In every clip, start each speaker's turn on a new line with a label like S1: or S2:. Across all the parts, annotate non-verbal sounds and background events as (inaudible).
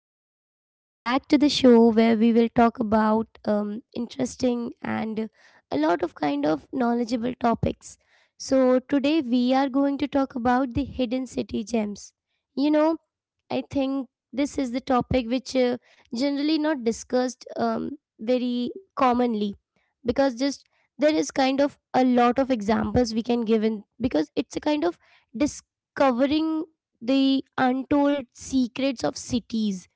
S1: Welcome back to the show where we will talk about interesting and a lot of kind of knowledgeable topics. So, today we are going to talk about the hidden city gems. You know, I think this is the topic which generally not discussed very commonly because just there is kind of a lot of examples we can give in because it's a kind of discovering the untold secrets of cities.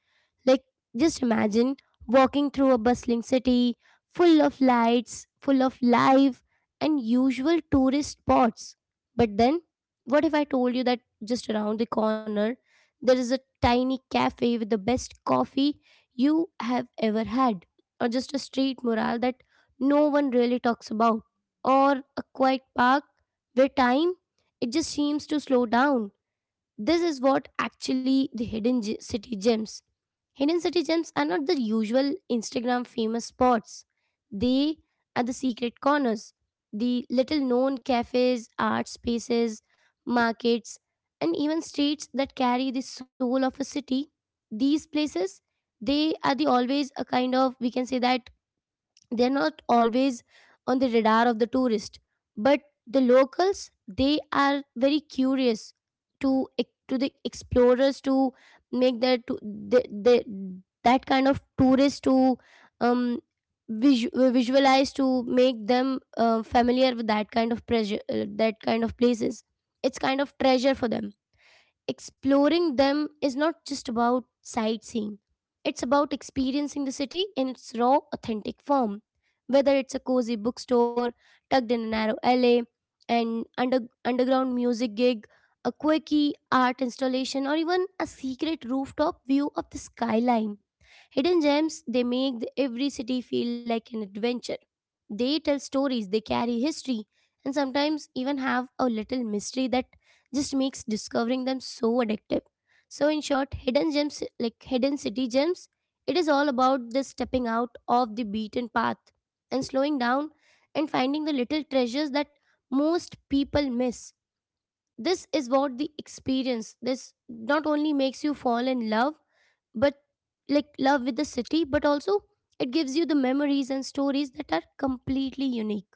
S1: Like, just imagine walking through a bustling city full of lights, full of life, and usual tourist spots. But then, what if I told you that just around the corner there is a tiny cafe with the best coffee you have ever had, or just a street mural that no one really talks about, or a quiet park where time it just seems to slow down, this is what actually the city gems. Hidden city gems are not the usual Instagram famous spots. They are the secret corners, the little known cafes, art spaces, markets, and even streets that carry the soul of a city. These places, they are the always a kind of we can say that they're not always on the radar of the tourist but the locals they are very curious to to the explorers to make that to the, that kind of tourist to um visualize to make them familiar with that kind of pressure that kind of places, it's kind of treasure for them, exploring them is not just about sightseeing. It's about experiencing the city in its raw, authentic form. Whether it's a cozy bookstore tucked in a narrow alley, an underground music gig, a quirky art installation, or even a secret rooftop view of the skyline, hidden gems, they every city feel like an adventure. They tell stories, they carry history, and sometimes even have a little mystery that just makes discovering them so addictive. So, in short, hidden gems, like hidden city gems, it is all about the stepping out of the beaten path and slowing down and finding the little treasures that most people miss. This is what the experience, this not only makes you fall in love but like love with the city but also it gives you the memories and stories that are completely unique,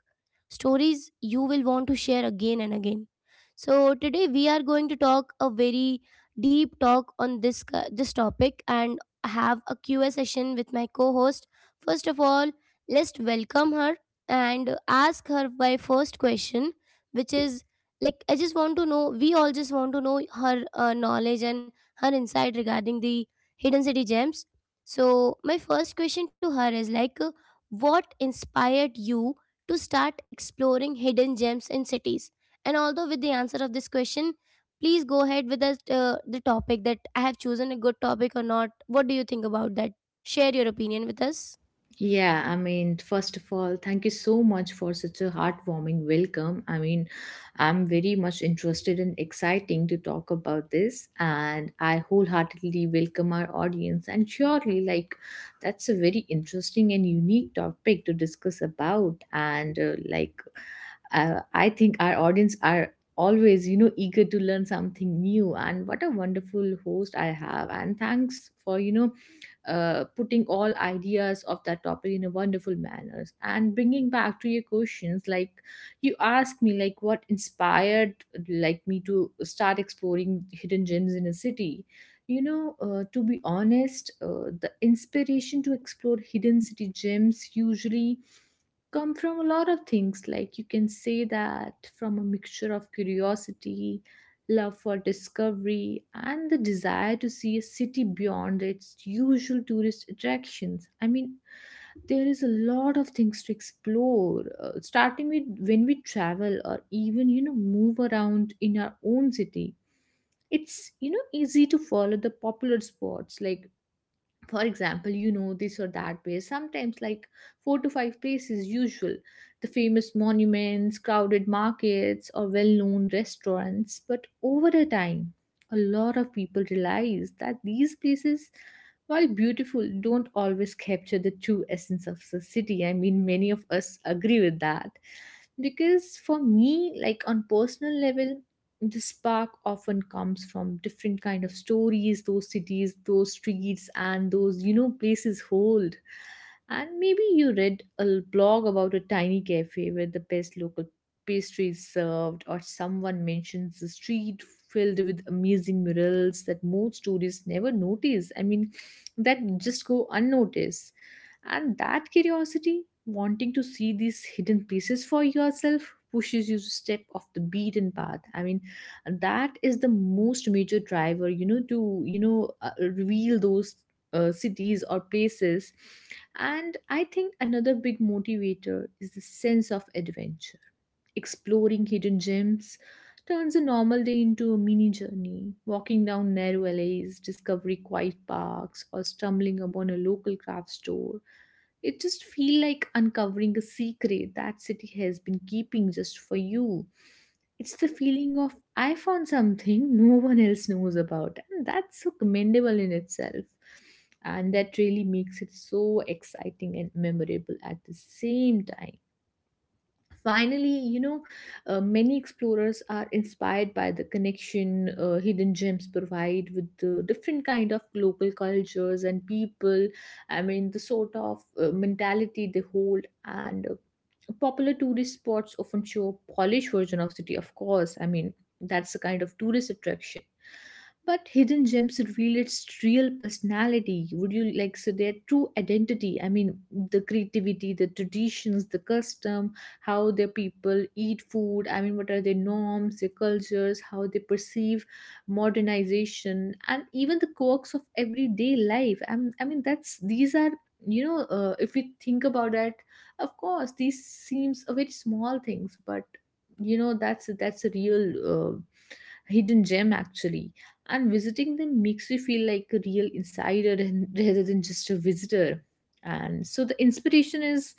S1: stories you will want to share again and again. So today we are going to talk a very deep talk on this topic and have a Q and A session with my co-host. First of all, let's welcome her and ask her my first question, which is like I just want to know. We all just want to know her knowledge and her insight regarding the hidden city gems. So my first question to her is like, what inspired you to start exploring hidden gems in cities. And although with the answer of this question, please go ahead with the topic that I have chosen, a good topic or not. What do you think about that? Share your opinion with us.
S2: Yeah, I mean, first of all, thank you so much for such a heartwarming welcome. I mean, I'm very much interested and exciting to talk about this, and I wholeheartedly welcome our audience. And surely, like, that's a very interesting and unique topic to discuss about. And I think our audience are always, you know, eager to learn something new. And what a wonderful host I have. And thanks for, you know, putting all ideas of that topic in a wonderful manner and bringing back to your questions like you asked me like what inspired like me to start exploring hidden gems in a city, you know, to be honest, the inspiration to explore hidden city gems usually come from a lot of things, like you can say that from a mixture of curiosity, love for discovery, and the desire to see a city beyond its usual tourist attractions. I mean, there is a lot of things to explore, starting with when we travel or even, you know, move around in our own city, it's, you know, easy to follow the popular spots, like for example, you know, this or that place, sometimes like four to five places usual, the famous monuments, crowded markets, or well-known restaurants. But over a time, a lot of people realize that these places, while beautiful, don't always capture the true essence of the city. I mean, many of us agree with that, because for me, like, on personal level, the spark often comes from different kind of stories those cities, those streets, and those, you know, places hold. And maybe you read a blog about a tiny cafe where the best local pastry is served, or someone mentions a street filled with amazing murals that most tourists never notice. I mean, that just go unnoticed. And that curiosity, wanting to see these hidden pieces for yourself, pushes you to step off the beaten path. I mean, that is the most major driver, you know, to, you know, reveal those cities or places. And I think another big motivator is the sense of adventure. Exploring hidden gems turns a normal day into a mini journey, walking down narrow alleys, discovering quiet parks, or stumbling upon a local craft store. It just feels like uncovering a secret that city has been keeping just for you. It's the feeling of I found something (laughs) no one else knows about, and that's so commendable in itself. And that really makes it so exciting and memorable at the same time. Finally, you know, many explorers are inspired by the connection hidden gems provide with the different kind of local cultures and people. I mean, the sort of mentality they hold, and popular tourist spots often show a polished version of city. Of course, I mean, that's the kind of tourist attraction. But hidden gems reveal its real personality. Would you like so their true identity? I mean, the creativity, the traditions, the custom, how their people eat food. I mean, what are their norms, their cultures, how they perceive modernization, and even the quirks of everyday life. I am, I mean, that's these are you know, if we think about that, of course these seems a very small things, but, you know, that's a real hidden gem actually. And visiting them makes you feel like a real insider (laughs) and rather than just a visitor. And so the inspiration is,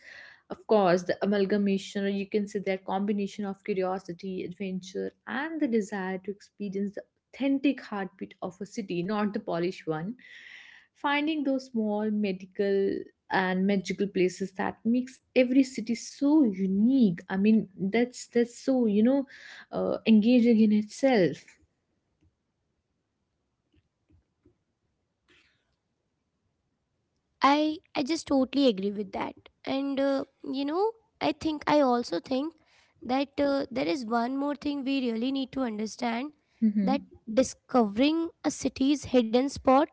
S2: of course, the amalgamation, or you can say that, combination of curiosity, adventure, and the desire to experience the authentic heartbeat of a city, not the polished one, finding those small medical and magical places that makes every city so unique. I mean, that's so, you know, engaging in itself.
S1: I just totally agree with that. And you know, I also think that there is one more thing we really need to understand,
S2: Mm-hmm.
S1: that discovering a city's hidden spot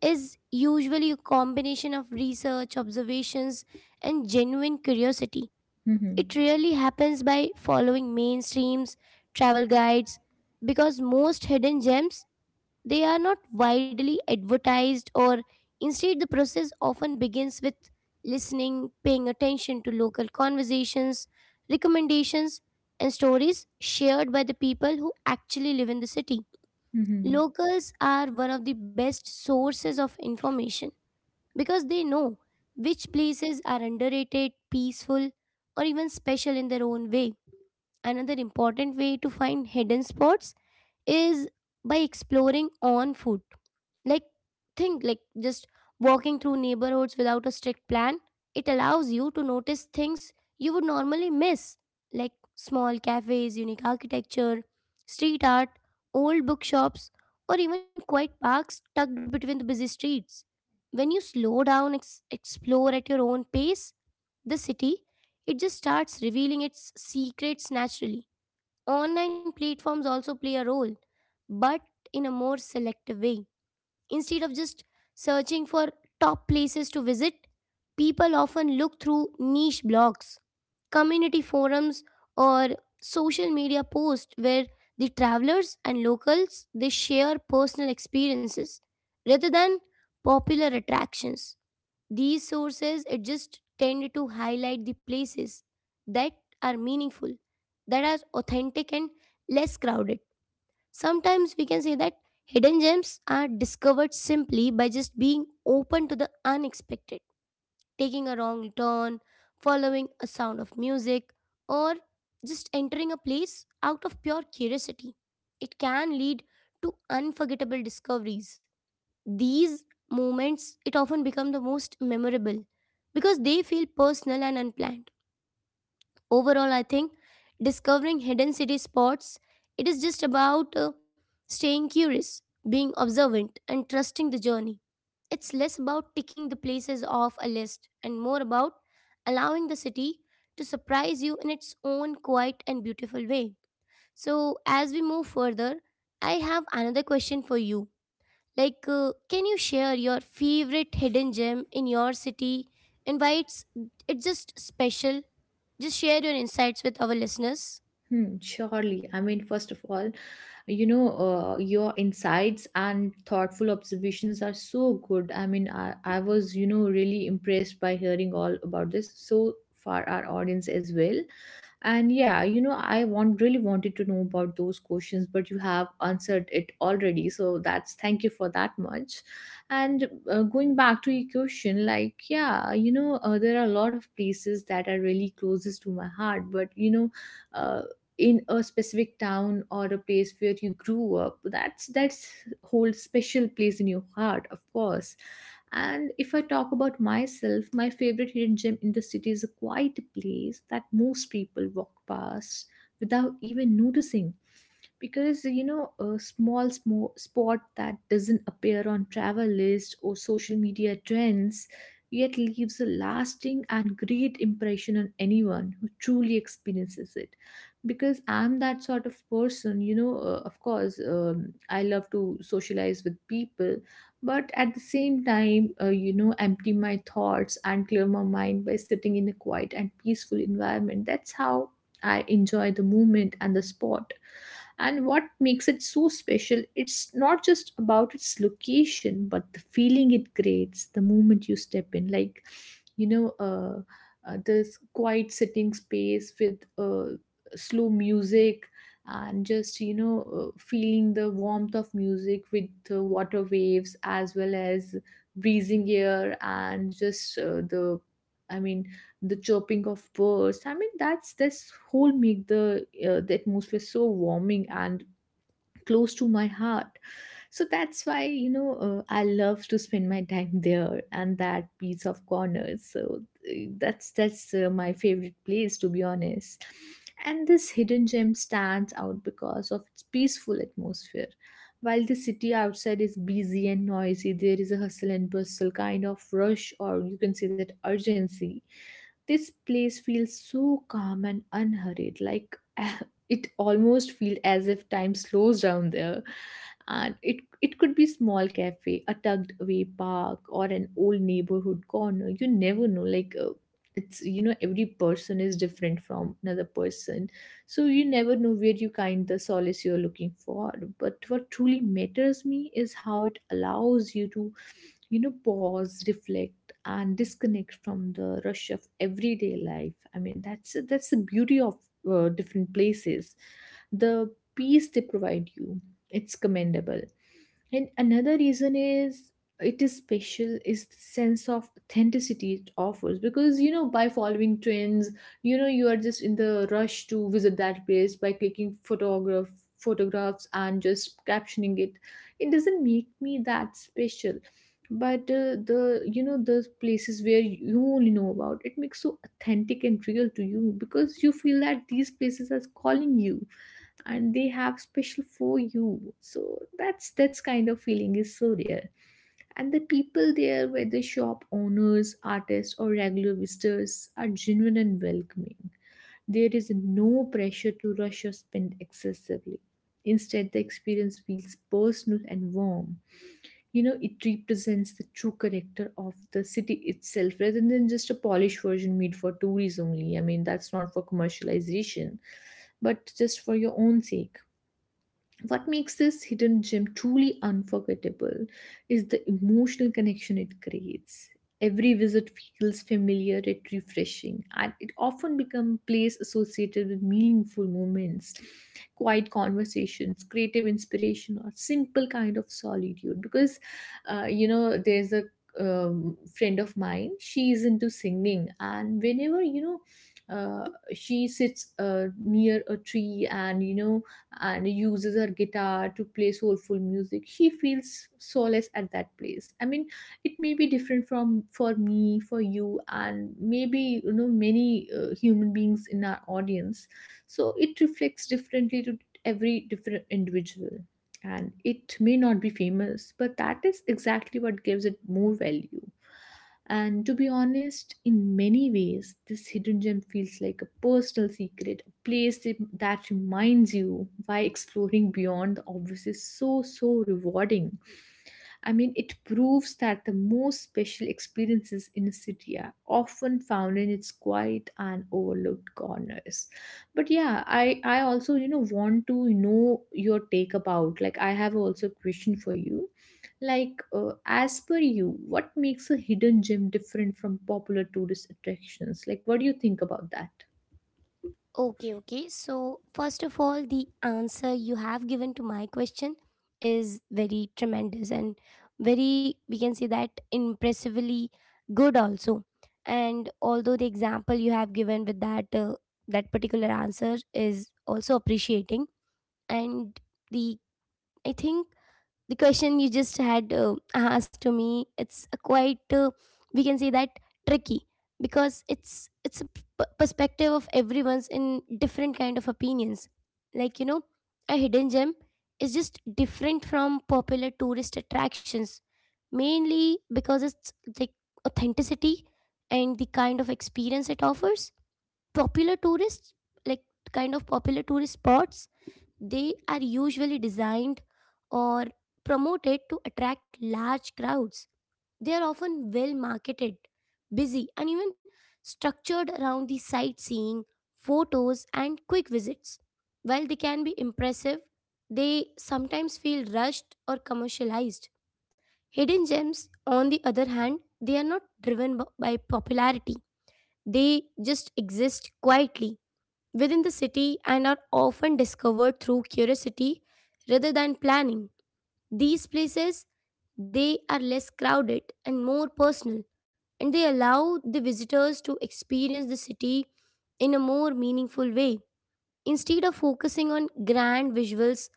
S1: is usually a combination of research, observations, and genuine curiosity.
S2: Mm-hmm.
S1: It really happens by following mainstreams, travel guides, because most hidden gems they are not widely advertised, or instead, the process often begins with listening, paying attention to local conversations, recommendations, and stories shared by the people who actually live in the city.
S2: Mm-hmm.
S1: Locals are one of the best sources of information because they know which places are underrated, peaceful, or even special in their own way. Another important way to find hidden spots is by exploring on foot. Like, think like just walking through neighborhoods without a strict plan, it allows you to notice things you would normally miss, like small cafes, unique architecture, street art, old bookshops, or even quiet parks tucked between the busy streets. When you slow down, explore at your own pace, the city, it just starts revealing its secrets naturally. Online platforms also play a role, but in a more selective way. Instead of just searching for top places to visit, people often look through niche blogs, community forums, or social media posts where the travelers and locals they share personal experiences rather than popular attractions, these sources it just tend to highlight the places that are meaningful, that are authentic and less crowded. Sometimes we can say that hidden gems are discovered simply by just being open to the unexpected, taking a wrong turn, following a sound of music, or just entering a place out of pure curiosity. It can lead to unforgettable discoveries, these moments, it often become the most memorable because they feel personal and unplanned. Overall, I think discovering hidden city spots, it is just about staying curious, being observant, and trusting the journey. It's less about ticking the places off a list and more about allowing the city to surprise you in its own quiet and beautiful way. So, as we move further, I have another question for you like, can you share your favorite hidden gem in your city and why it's just special? Just share your insights with our listeners.
S2: Hmm, surely. I mean, first of all, you know, your insights and thoughtful observations are so good. I mean, I was, you know, really impressed by hearing all about this. So far, our audience as well. And yeah, you know, I want really wanted to know about those questions, but you have answered it already, so that's thank you for that much. And going back to your question, like, yeah, you know, there are a lot of places that are really closest to my heart, but you know, uh, in a specific town or a place where you grew up, that's whole special place in your heart, of course. And if I talk about myself, my favorite hidden gem in the city is a quiet place that most people walk past without even noticing, because you know, a small small spot that doesn't appear on travel lists or social media trends, yet leaves a lasting and great impression on anyone who truly experiences it. Because I'm that sort of person, you know, of course, I love to socialize with people, but at the same time, you know, empty my thoughts and clear my mind by sitting in a quiet and peaceful environment. That's how I enjoy the movement and the spot. And what makes it so special, it's not just about its location, but the feeling it creates the moment you step in. Like, you know, this quiet sitting space with, slow music, and just, you know, feeling the warmth of music with the water waves, as well as breezing air, and just, the, I mean, the chirping of birds. I mean, that's this whole make the atmosphere so warming and close to my heart. So that's why, you know, I love to spend my time there, and that piece of corner. So that's my favorite place, to be honest. And this hidden gem stands out because of its peaceful atmosphere. While the city outside is busy and noisy, there is a hustle and bustle kind of rush, or you can say that urgency, this place feels so calm and unhurried, like (laughs) (sighs) it almost feel as if time slows down there. And it could be small cafe, a tucked away park, or an old neighborhood corner. You never know. Like, it's, you know, every person is different from another person, so you never know where you find the solace you're looking for. But what truly matters me is how it allows you to, you know, pause, reflect, and disconnect from the rush of everyday life. I mean, that's the beauty of different places, the peace they provide you. It's commendable. And another reason is it is special is the sense of authenticity it offers, because you know, by following trends, you know, you are just in the rush to visit that place by clicking photograph photographs and just captioning it. It doesn't make me that special. But the, you know, the places where you only know about it makes so authentic and real to you, because you feel that these places are calling you and they have special for you. So that's kind of feeling is so rare. And the people there, whether shop owners, artists, or regular visitors, are genuine and welcoming. There is no pressure to rush or spend excessively. Instead, the experience feels personal and warm. You know, it represents the true character of the city itself, rather than just a polished version made for tourists only. I mean, that's not for commercialization, but just for your own sake. What makes this hidden gem truly unforgettable is the emotional connection it creates. Every visit feels familiar yet refreshing, and it often becomes a place associated with meaningful moments, quiet conversations, creative inspiration, or simple kind of solitude. Because, you know, there's a friend of mine, she is into singing, and whenever, you know, uh, she sits near a tree and, you know, and uses her guitar to play soulful music, she feels solace at that place. I mean, it may be different from for me for you, and maybe you know many human beings in our audience, so it reflects differently to every different individual. And it may not be famous, but that is exactly what gives it more value. And to be honest, in many ways this hidden gem feels like a personal secret place that reminds you why exploring beyond the obvious is so, so rewarding. I mean, it proves that the most special experiences in a city are often found in its quiet and overlooked corners. But yeah, I also, you know, want to know your take about, like, I have also a question for you. Like, as per you, what makes a hidden gem different from popular tourist attractions? Like, what do you think about that?
S1: Okay, okay. So first of all, the answer you have given to my question is very tremendous and very we can say that impressively good also. And although the example you have given with that that particular answer is also appreciating and the I think the question you just had asked to me it's a quite we can say that tricky because it's a perspective of everyone's in different kind of opinions like you know a hidden gem is just different from popular tourist attractions mainly because it's the authenticity and the kind of experience it offers. Popular tourists like kind of popular tourist spots they are usually designed or promoted to attract large crowds. They are often well marketed, busy, and even structured around the sightseeing, photos, and quick visits. While they can be impressive, they sometimes feel rushed or commercialized. Hidden gems, on the other hand, they are not driven by popularity. They just exist quietly within the city and are often discovered through curiosity rather than planning. These places they are less crowded and more personal and they allow the visitors to experience the city in a more meaningful way. Instead of focusing on grand visuals,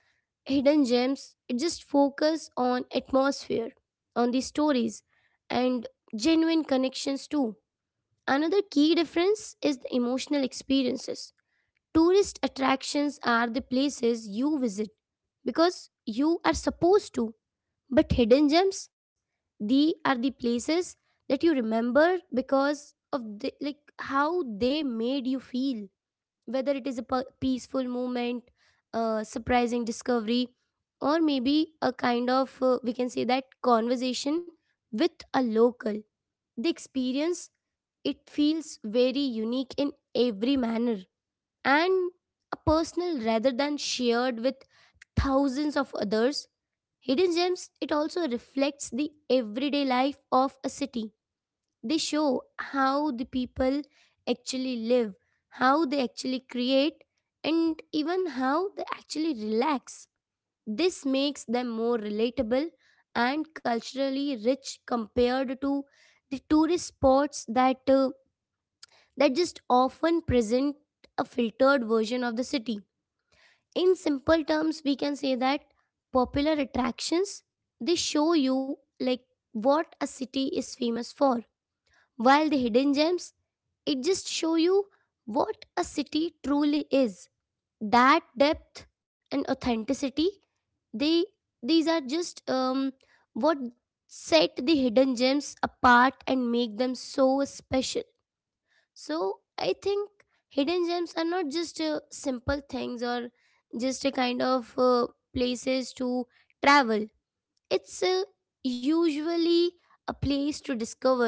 S1: hidden gems, it just focus on atmosphere, on the stories and genuine connections too. Another key difference is the emotional experiences. Tourist attractions are the places you visit because you are supposed to, but hidden gems, they are the places that you remember because of the, like how they made you feel, whether it is a peaceful moment, a surprising discovery, or maybe a kind of we can say that conversation with a local. The experience it feels very unique in every manner and a personal rather than shared with thousands of others. Hidden gems, it also reflects the everyday life of a city. They show how the people actually live, how they actually create, and even how they actually relax. This makes them more relatable and culturally rich compared to the tourist spots that that just often present a filtered version of the city. In simple terms we can say that popular attractions they show you like what a city is famous for while the hidden gems it just show you what a city truly is, that depth and authenticity they these are just what set the hidden gems apart and make them so special. So I think hidden gems are not just simple things or just a kind of places to travel. It's usually a place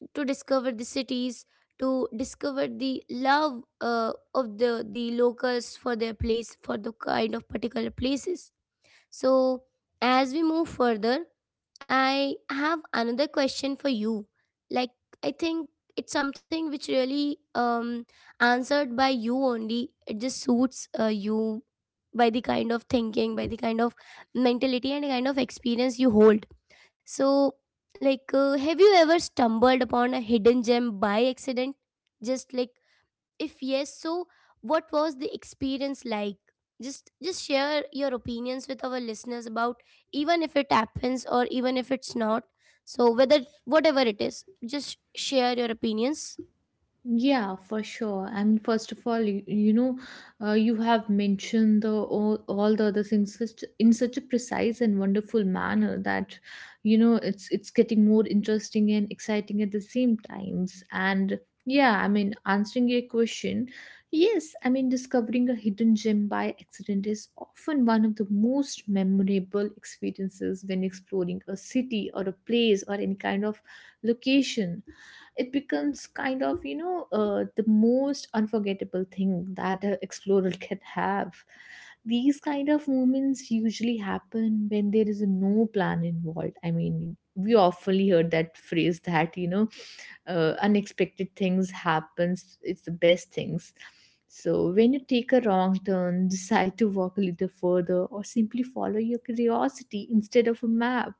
S1: to discover the cities, to discover the love of the locals for their place, for the kind of particular places. So, as we move further, I have another question for you. Like, I think it's something which really answered by you only. It just suits you by the kind of thinking, by the kind of mentality, and kind of experience you hold. So, like, have you ever stumbled upon a hidden gem by accident? Just like if yes, so what was the experience like? Just share your opinions with our listeners about even if it happens or even if it's not. So whether whatever it is, just share your opinions.
S2: Yeah, for sure. I mean, first of all, you have mentioned all the other things in such a precise and wonderful manner that it's getting more interesting and exciting at the same times. And yeah, I mean, Answering your question, yes, I mean, discovering a hidden gem by accident is often one of the most memorable experiences when exploring a city or a place or any kind of location. It becomes kind of the most unforgettable thing that an explorer (laughs) can have. These kind of moments usually happen when there is no plan involved. I mean, we often heard that phrase that unexpected things happens, it's the best things. So when you take a wrong turn (laughs) decide to walk a little further or simply follow your curiosity instead of a map,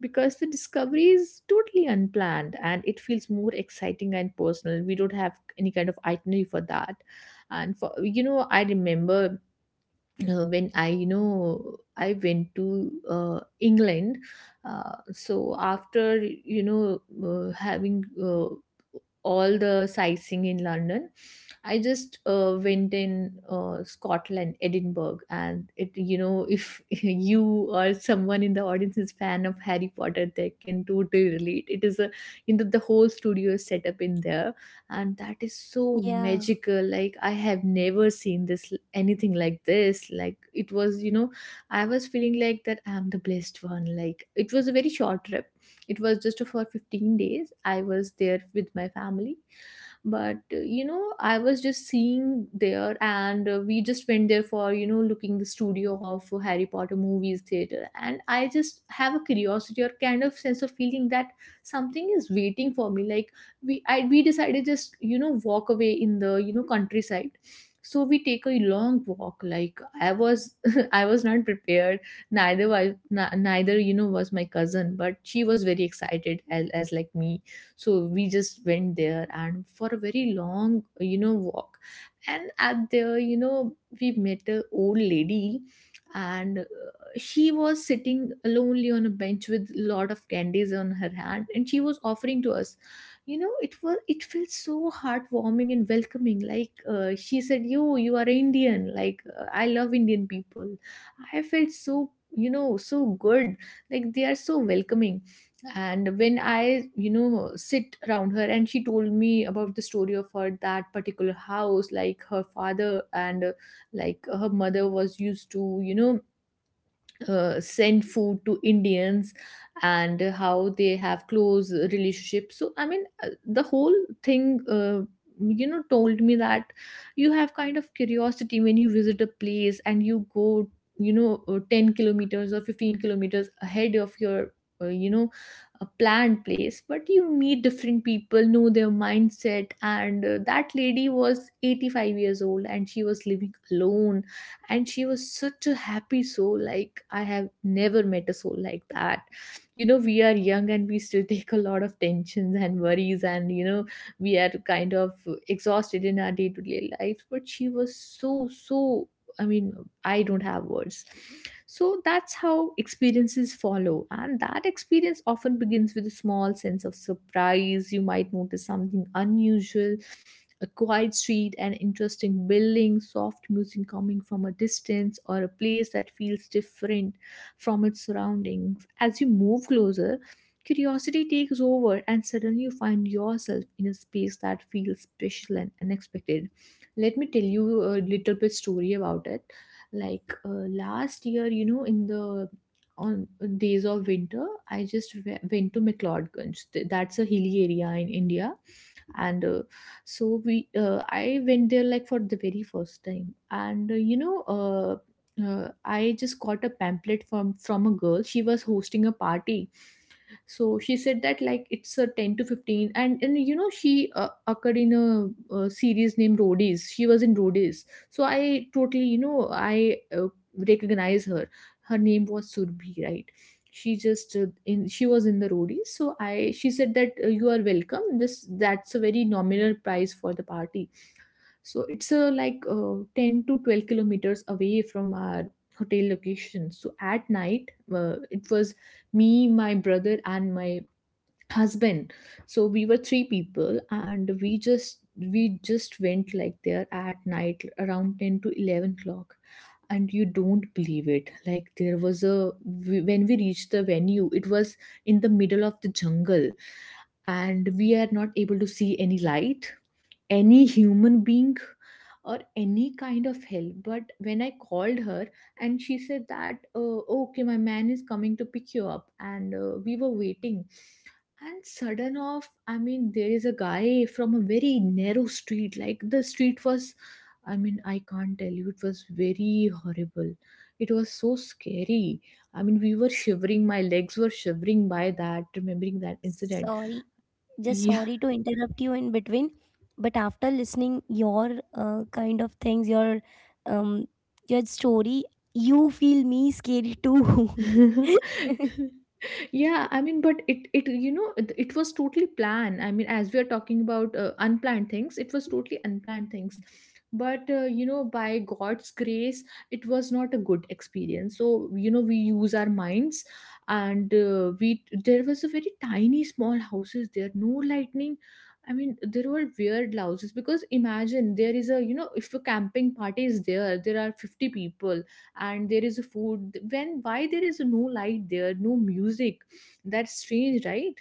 S2: because the discovery is totally unplanned and it feels more exciting and personal. We don't have any kind of itinerary for that. And for you know I remember when I went to England. So after, you know, having all the sightseeing in London, I just went in Scotland, Edinburgh, and if (laughs) you or someone in the audience is fan of Harry Potter, they can totally relate. It is the whole studio is set up in there, and that is so
S1: Yeah,
S2: magical. Like, I have never seen this anything like this. Like it was you know I was feeling like that I am the blessed one. Like, it was a very short trip, it was just for 15 days. I was there with my family, but you know, I was just seeing there, and we just went there for, you know, looking the studio of Harry Potter movies theater, and I just have a curiosity or kind of sense of feeling that something is waiting for me. Like, we decided, just, you know, walk away in the, you know, countryside. So we take a long walk. Like, I was (laughs) I was not prepared, neither you know was my cousin, but she was very excited as like me. So we just went there and for a very long, you know, walk, and at there, you know, we met a old lady. And she was sitting lonely on a bench with lot of candies on her hand, and she was offering to us. You know, it was, it felt so heartwarming and welcoming. Like, she said, yo, you are Indian, like, I love Indian people. I felt so, you know, so good. Like, they are so welcoming. And when I, you know, sit around her, and she told me about the story of her that particular house, like her father and like her mother was used to, you know, send food to Indians, and how they have close relationships. So I mean, the whole thing, told me that you have kind of curiosity when you visit a place, and you go, 10 kilometers or 15 kilometers ahead of your. uh, You know, a planned place, but you meet different people, know their mindset. And that lady was 85 years old and she was living alone, and she was such a happy soul. Like, I have never met a soul like that. You know, we are young and we still (laughs) take a lot of tensions and worries, and, you know, we are kind of exhausted in our day-to-day lives. But she was so, so, I mean, I don't have words. So that's how experiences follow, and that experience often begins with a small sense of surprise. You might notice something unusual: a quiet street, an interesting building, soft music coming from a distance, or a place that feels different from its surroundings. As you move closer, curiosity takes over, and suddenly you find yourself in a space that feels special and unexpected. Let me tell you a little bit story about it. Like, last year, you know, in the on days of winter, I just went to McLeodganj. That's a hilly area in India. And so we I went there like for the very first time. And I just got a pamphlet from a girl. She was hosting a party, so she said that, like, it's a 10 to 15, and you know, she occurred in a, series named Roadies. She was in Roadies. So I totally, you know, I recognize her. Her name was Surbhi, right? She just, in she was in the Roadies. So I she said that, you are welcome, this, that's a very nominal price for the party. So it's, 10 to 12 kilometers away from our hotel location. So at night, it was me, my brother, and my husband. So we were three people, and we just, we just went like there at night around 10 to 11 o'clock. And you don't believe it, like there was a when we reached the venue, it was in the middle of the jungle, and we are not able to see any light, any human being, or any kind of help. But when I called her, and she said that, okay, my man is coming to pick you up. And we were waiting, and sudden off, I mean, there is a guy from a very narrow street. Like, the street was, I mean, I can't tell you, it was very horrible, it was so scary. I mean, we were shivering, my legs were shivering by that, remembering that incident.
S1: sorry. Just
S2: Yeah.
S1: sorry to interrupt you in between, but after listening your kind of things, um your story, you feel me scary too.
S2: (laughs) Yeah, I mean, but it you know it, it was totally planned. I mean, as we are talking about unplanned things, it was totally unplanned things. But you know, by god's grace, it was not a good experience. So, you know, we use our minds. And we there was a very tiny small houses there, no lightning. I mean, there were weird houses. Because imagine, there is a, you know, if a camping party is there, there are 50 people, and there is a food, when why there is no light there, no music? That's strange, right?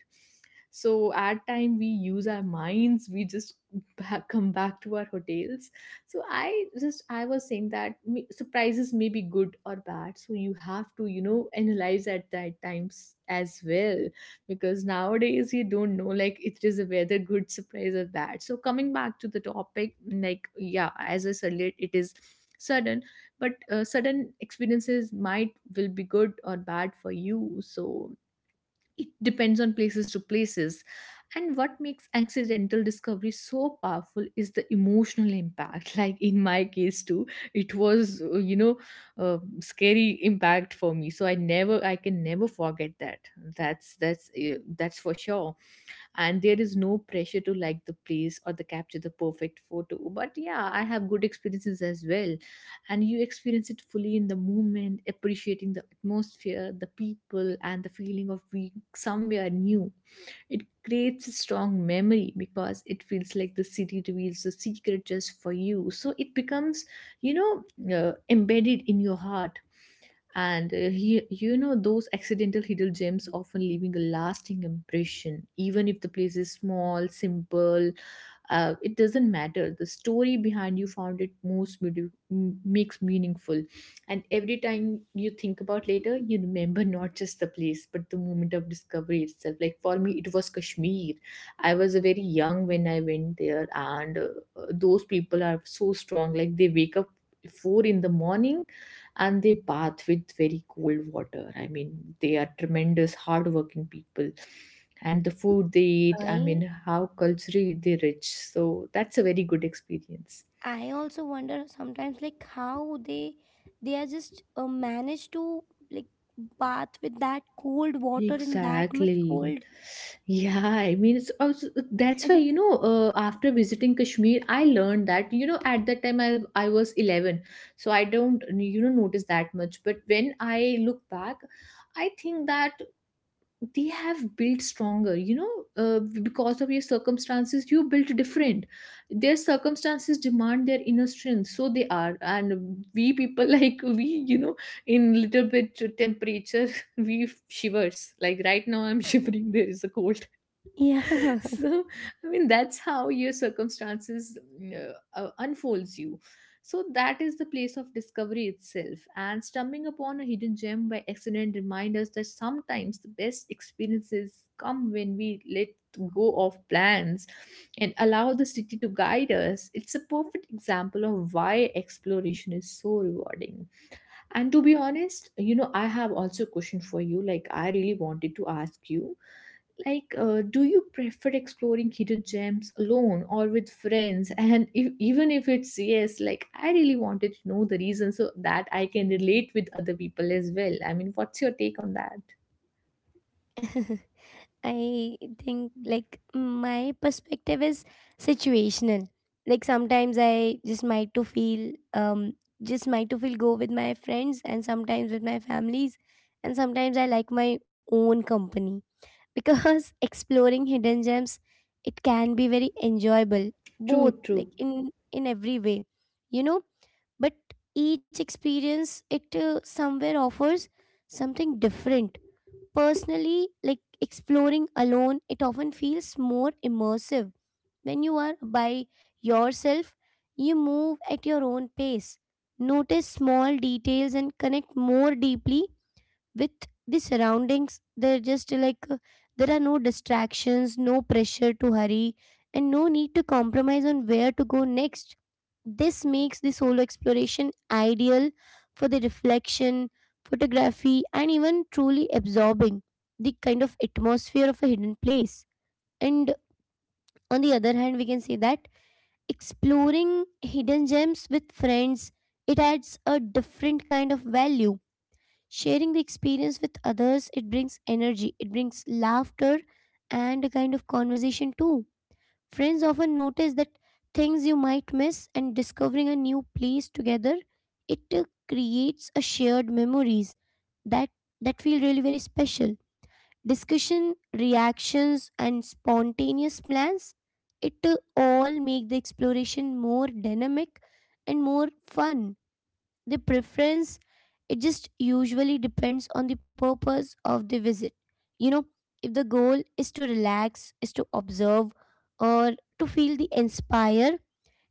S2: So at time, we use our minds, we just back, come back to our hotels. So I just, I was saying that, surprises may be good or bad. So you have to, you know, analyze at that times as well, because nowadays you don't know like it is a whether good surprise or bad. So coming back to the topic, like, yeah, as I said, it is sudden. But sudden experiences might will be good or bad for you, so it depends on places to places. And what makes accidental discovery so powerful is the emotional impact. (laughs) Like, in my case too, it was, scary impact for me, so I can never forget that. That's for sure. And there is no pressure to like the place or the capture the perfect photo. But yeah, I have good experiences as well. And you experience it fully in the moment, appreciating the atmosphere, the people, and the feeling of being somewhere new. It creates a strong memory, because it feels like the city reveals the secret just for you. So it becomes, embedded in your heart. And you know, those accidental hidden gems often leaving a lasting impression, even if the place is small, simple. It doesn't matter, the story behind you found it most makes meaningful. And every time you think about later, you remember (laughs) not just the place, but the moment of discovery itself. Like, for me, it was Kashmir. I was very young when I went there. And those people are so strong. Like, they wake up 4 in the morning and they bath with very cold water. I mean, they are tremendous, hardworking people. And the food they
S1: (laughs)
S2: eat, I
S1: I
S2: mean, how culturally they're rich. So that's a very good experience.
S1: I also wonder sometimes like how they are just managed to like bath with that cold water in that much
S2: Exactly.
S1: cold.
S2: Yeah, I mean, it's also, that's why, you
S1: (laughs)
S2: know, after visiting Kashmir, I learned that, you know, at that time I was 11. So I don't, you know, notice that much. But when I look back, I think that they have built stronger, because of your circumstances you built different. Their circumstances demand their inner strength, so they are. And we people (laughs) like we in little bit temperature (laughs) we shivers, like right now I'm (laughs) shivering, there is a cold.
S1: Yeah.
S2: (laughs) So I mean that's how your circumstances unfolds you. So that is the place of discovery itself, and stumbling upon a hidden gem by accident reminds us that sometimes the best experiences come when we let go of plans and allow the city to guide us. It's a perfect example of why exploration is so rewarding. And to be honest, I have also a question for you. Like, I really wanted to ask you, like, do you prefer exploring hidden gems alone or with friends? (laughs) And if even if it's yes, like, I really wanted to know the reason so that I can relate with other people as well. I mean, what's your take on that?
S1: (laughs) I think like my perspective is situational. Like sometimes I just might to feel just might to feel go with my friends and sometimes with my families and sometimes I like my own company. Because (laughs) exploring hidden gems, it can be very enjoyable
S2: True,
S1: both
S2: true.
S1: like in every way, you know. But each experience, it somewhere offers something different. Personally, like exploring alone, it often feels more immersive. When you are by yourself, you move at your own pace, notice small details, and connect more deeply with the surroundings. They're just like there are no distractions, no pressure to hurry, and no need to compromise on where to go next. This makes the solo exploration ideal for the reflection, photography, and even truly absorbing the kind of atmosphere of a hidden place. And on the other hand, we can say that exploring hidden gems with friends, it adds a different kind of value. Sharing the experience with others, it brings energy, it brings laughter and a kind of conversation too. Friends often notice that things you might miss, and discovering a new place together, it creates a shared memories that that feel really very special. Discussion, reactions, and spontaneous plans, it all make the exploration more dynamic and more fun. The preference, it just usually depends on the purpose of the visit. You know, if the goal is to relax, is to observe, or to feel the inspire,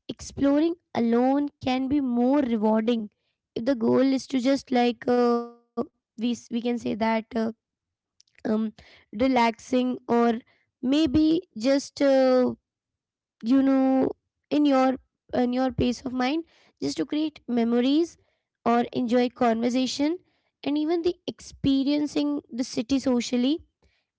S1: exploring alone can be more rewarding. If the goal is to just like we can say that um relaxing or maybe just you know, in your in your peace of mind, just to create memories or enjoy conversation and even the experiencing the city socially,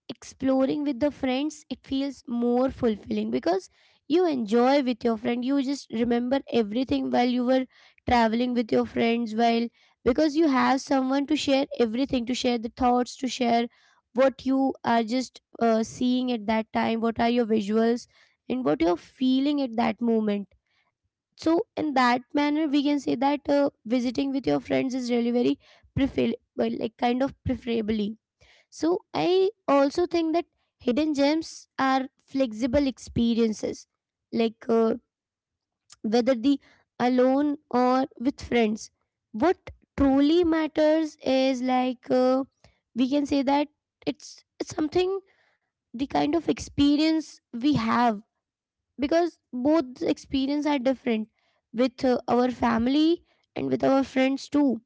S1: exploring with the friends, it feels more fulfilling because you enjoy with your friend, you just remember everything while you were traveling with your friends, while because you have someone to share everything, to share the thoughts, to share what you are just seeing at that time, what are your visuals and what you're feeling at that moment. So in that manner, we can say that visiting with your friends is really very prefer, well, like kind of preferably. So I also think that hidden gems are flexible experiences, like whether the alone or with friends. What truly matters is like we can say that it's something, the kind of experience we have, because both experience are different, with our family and with our friends too.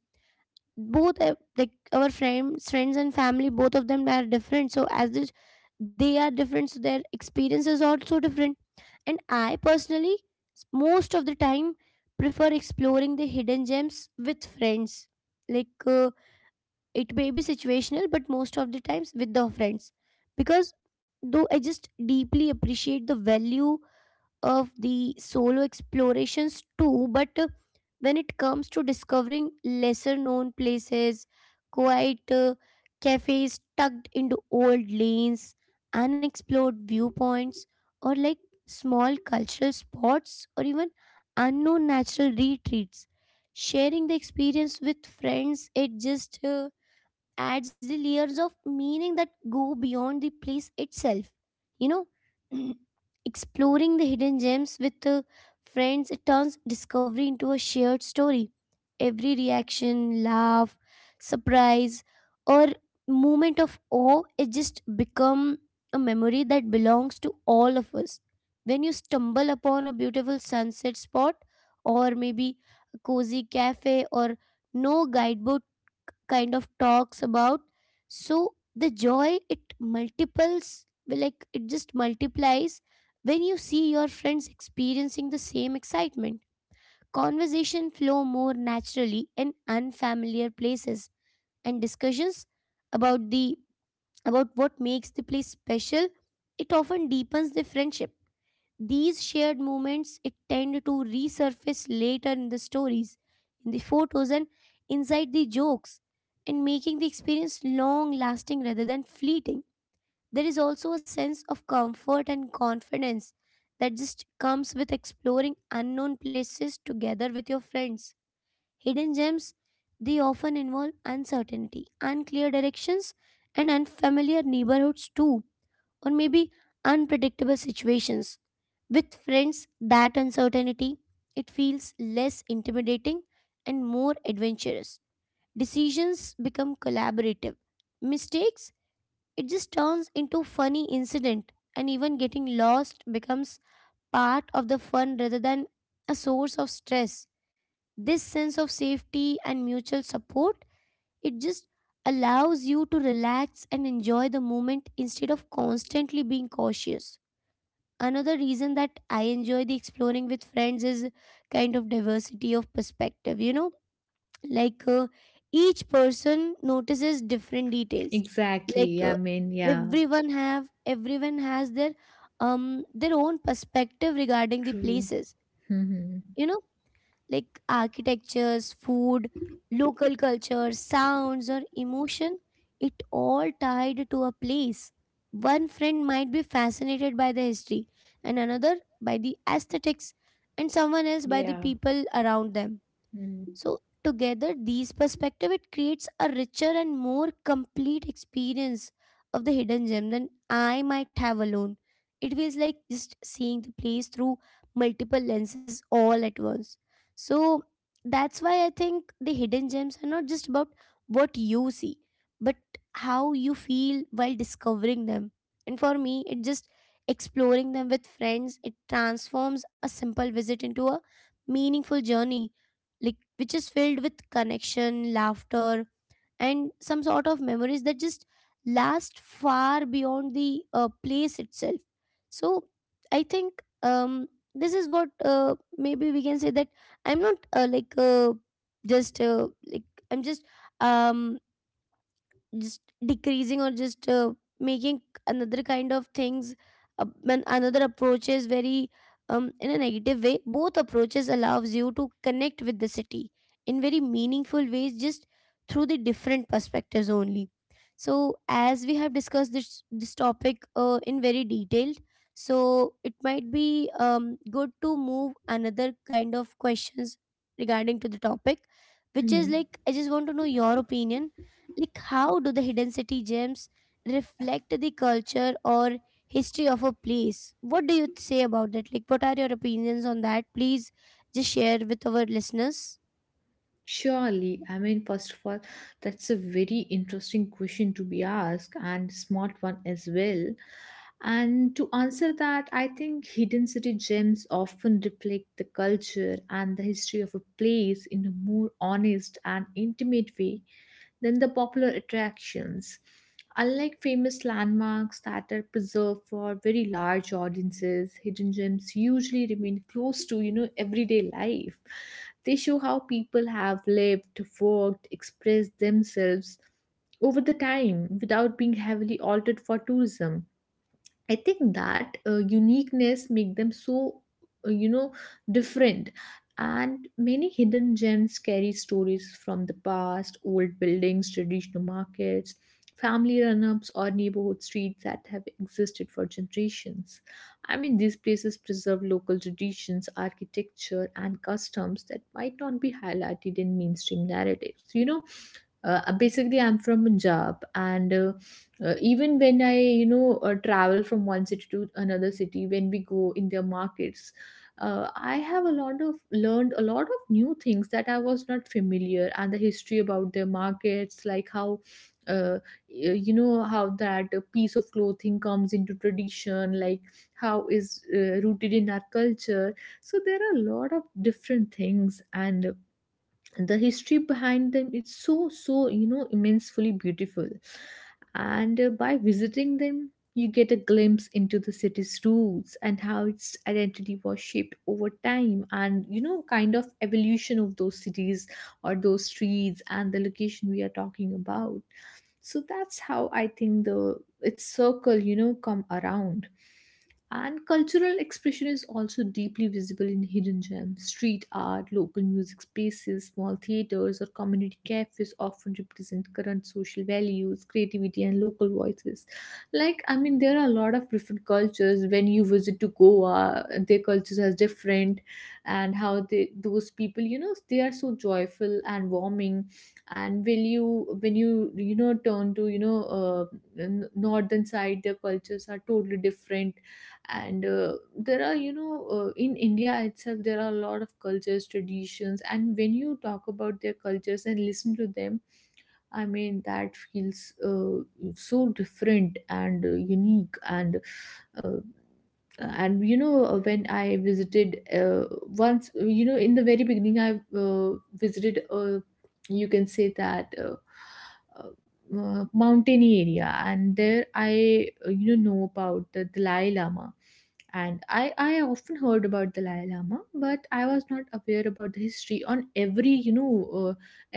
S1: Both like our friends and family, both of them are different, so as this they are different, so their experience is also different. And I personally, most of the time prefer exploring the hidden gems with friends. Like it may be situational, but most of the times with the friends, because though I just deeply appreciate the value of the solo explorations too, but when it comes to discovering lesser known places, quiet cafes tucked into old lanes, unexplored viewpoints, or like small cultural spots, or even unknown natural retreats, sharing the experience with friends, it just adds the layers of meaning that go beyond the place itself. You know, (clears throat) exploring the hidden gems with friends, it turns discovery into a shared story. Every reaction, laugh, surprise, or moment of awe, it just become a memory that belongs to all of us. When you stumble upon a beautiful sunset spot, or maybe a cozy cafe, or no guidebook kind of talks about, so the joy it multiples, like it just multiplies when you see your friends experiencing the same excitement. Conversation flow more naturally in unfamiliar places, and discussions about the about what makes the place special, it often deepens the friendship. These shared moments, it tend to resurface later in the stories, in the photos, and inside the jokes, and making the experience long lasting rather than fleeting. There is also a sense of comfort and confidence that just comes with exploring unknown places together with your friends. Hidden gems, they often involve uncertainty, unclear directions, and unfamiliar neighborhoods too, or maybe unpredictable situations. With friends, that uncertainty, it feels less intimidating and more adventurous. Decisions become collaborative. Mistakes, it just turns into funny incident, and even getting lost becomes part of the fun rather than a source of stress. This sense of safety and mutual support, it just allows you to relax and enjoy the moment instead of constantly being cautious. Another reason that I enjoy the exploring with friends is kind of diversity of perspective, you know, like each person notices different details. Like
S2: Exactly. I mean, yeah,
S1: everyone has their own perspective regarding the
S2: true.
S1: places. You know, like architectures, food, local culture, sounds, or emotion, it all tied to a place. One friend might be fascinated by the history, and another by the aesthetics, and someone else
S2: (laughs)
S1: by the
S2: Yeah.
S1: people around them. So together, these perspective, it creates a richer and more complete experience of the hidden gem than I might have alone. It feels like just seeing the place through multiple lenses all at once. So that's why I think the hidden gems are not just about what you see, but how you feel while discovering them. And for me, it just exploring them with friends, it transforms a simple visit into a meaningful journey, like which is filled with connection, laughter, and some sort of memories that just last far beyond the place itself. So I think this is what maybe we can say that I'm not like just like I'm um just decreasing or just making another kind of things when another approach is very in a negative way. Both approaches allows you to connect with the city in very meaningful ways, just through the different perspectives only. So as we have discussed this topic in very detailed, so it might be good to move another kind of questions regarding to the topic, which is
S2: Mm-hmm.
S1: like I just want to know your opinion, like how do the hidden city gems reflect the culture or history of a place. What do you say about that? Like what are your opinions on that? Please just share with our listeners.
S2: (laughs) Surely, I mean, first of all, that's a very interesting question to be asked, and smart one as well. And to answer that, I think hidden city gems often reflect the culture and the history of a place in a more honest and intimate way than the popular attractions. Unlike famous landmarks that are preserved for very large audiences, hidden gems usually remain close to, everyday life. They show how people have lived, worked, expressed themselves over the time without being heavily altered for tourism. I think that uniqueness make them so uh, you know different. And many hidden gems carry stories from the past: old buildings, traditional markets, family run-ups, or neighborhood streets that have existed for generations. I mean, these places preserve local traditions, architecture, and customs that might not be highlighted in mainstream narratives. Basically, I'm from Punjab, and even when I travel from one city to another city, when we go in their markets, I have a lot of learned a lot of new things that I was not familiar, and the history about their markets, like how uh, y- you know how that piece of clothing comes into tradition, like how is rooted in our culture. So there are a lot of different things, and the history behind them is so, so, immensely beautiful. And by visiting them, you get a glimpse into the city's roots and how its identity was shaped over time, and kind of evolution of those cities or those streets and the location we are talking about. So that's how I think the its circle, come around. And cultural expression is also deeply visible in hidden gems. Street art, local music spaces, small theaters, or community cafes often represent current social values, creativity, and local voices. Like, I mean, there are a lot of different cultures. When you visit to Goa, their cultures are different, and how they those people, they are so joyful and warming. And when you know turn to northern side, their cultures are totally different. And there are, in India itself there are a lot of cultures, traditions, and when you talk about their cultures and listen to them, I mean, that feels so different and unique. And uh, when I visited, once, in the very beginning, I uh, visited, you can say that, mountainy area. And there I know about the Dalai Lama, and I often heard about Dalai Lama, but I was not aware about the history. On every you know uh,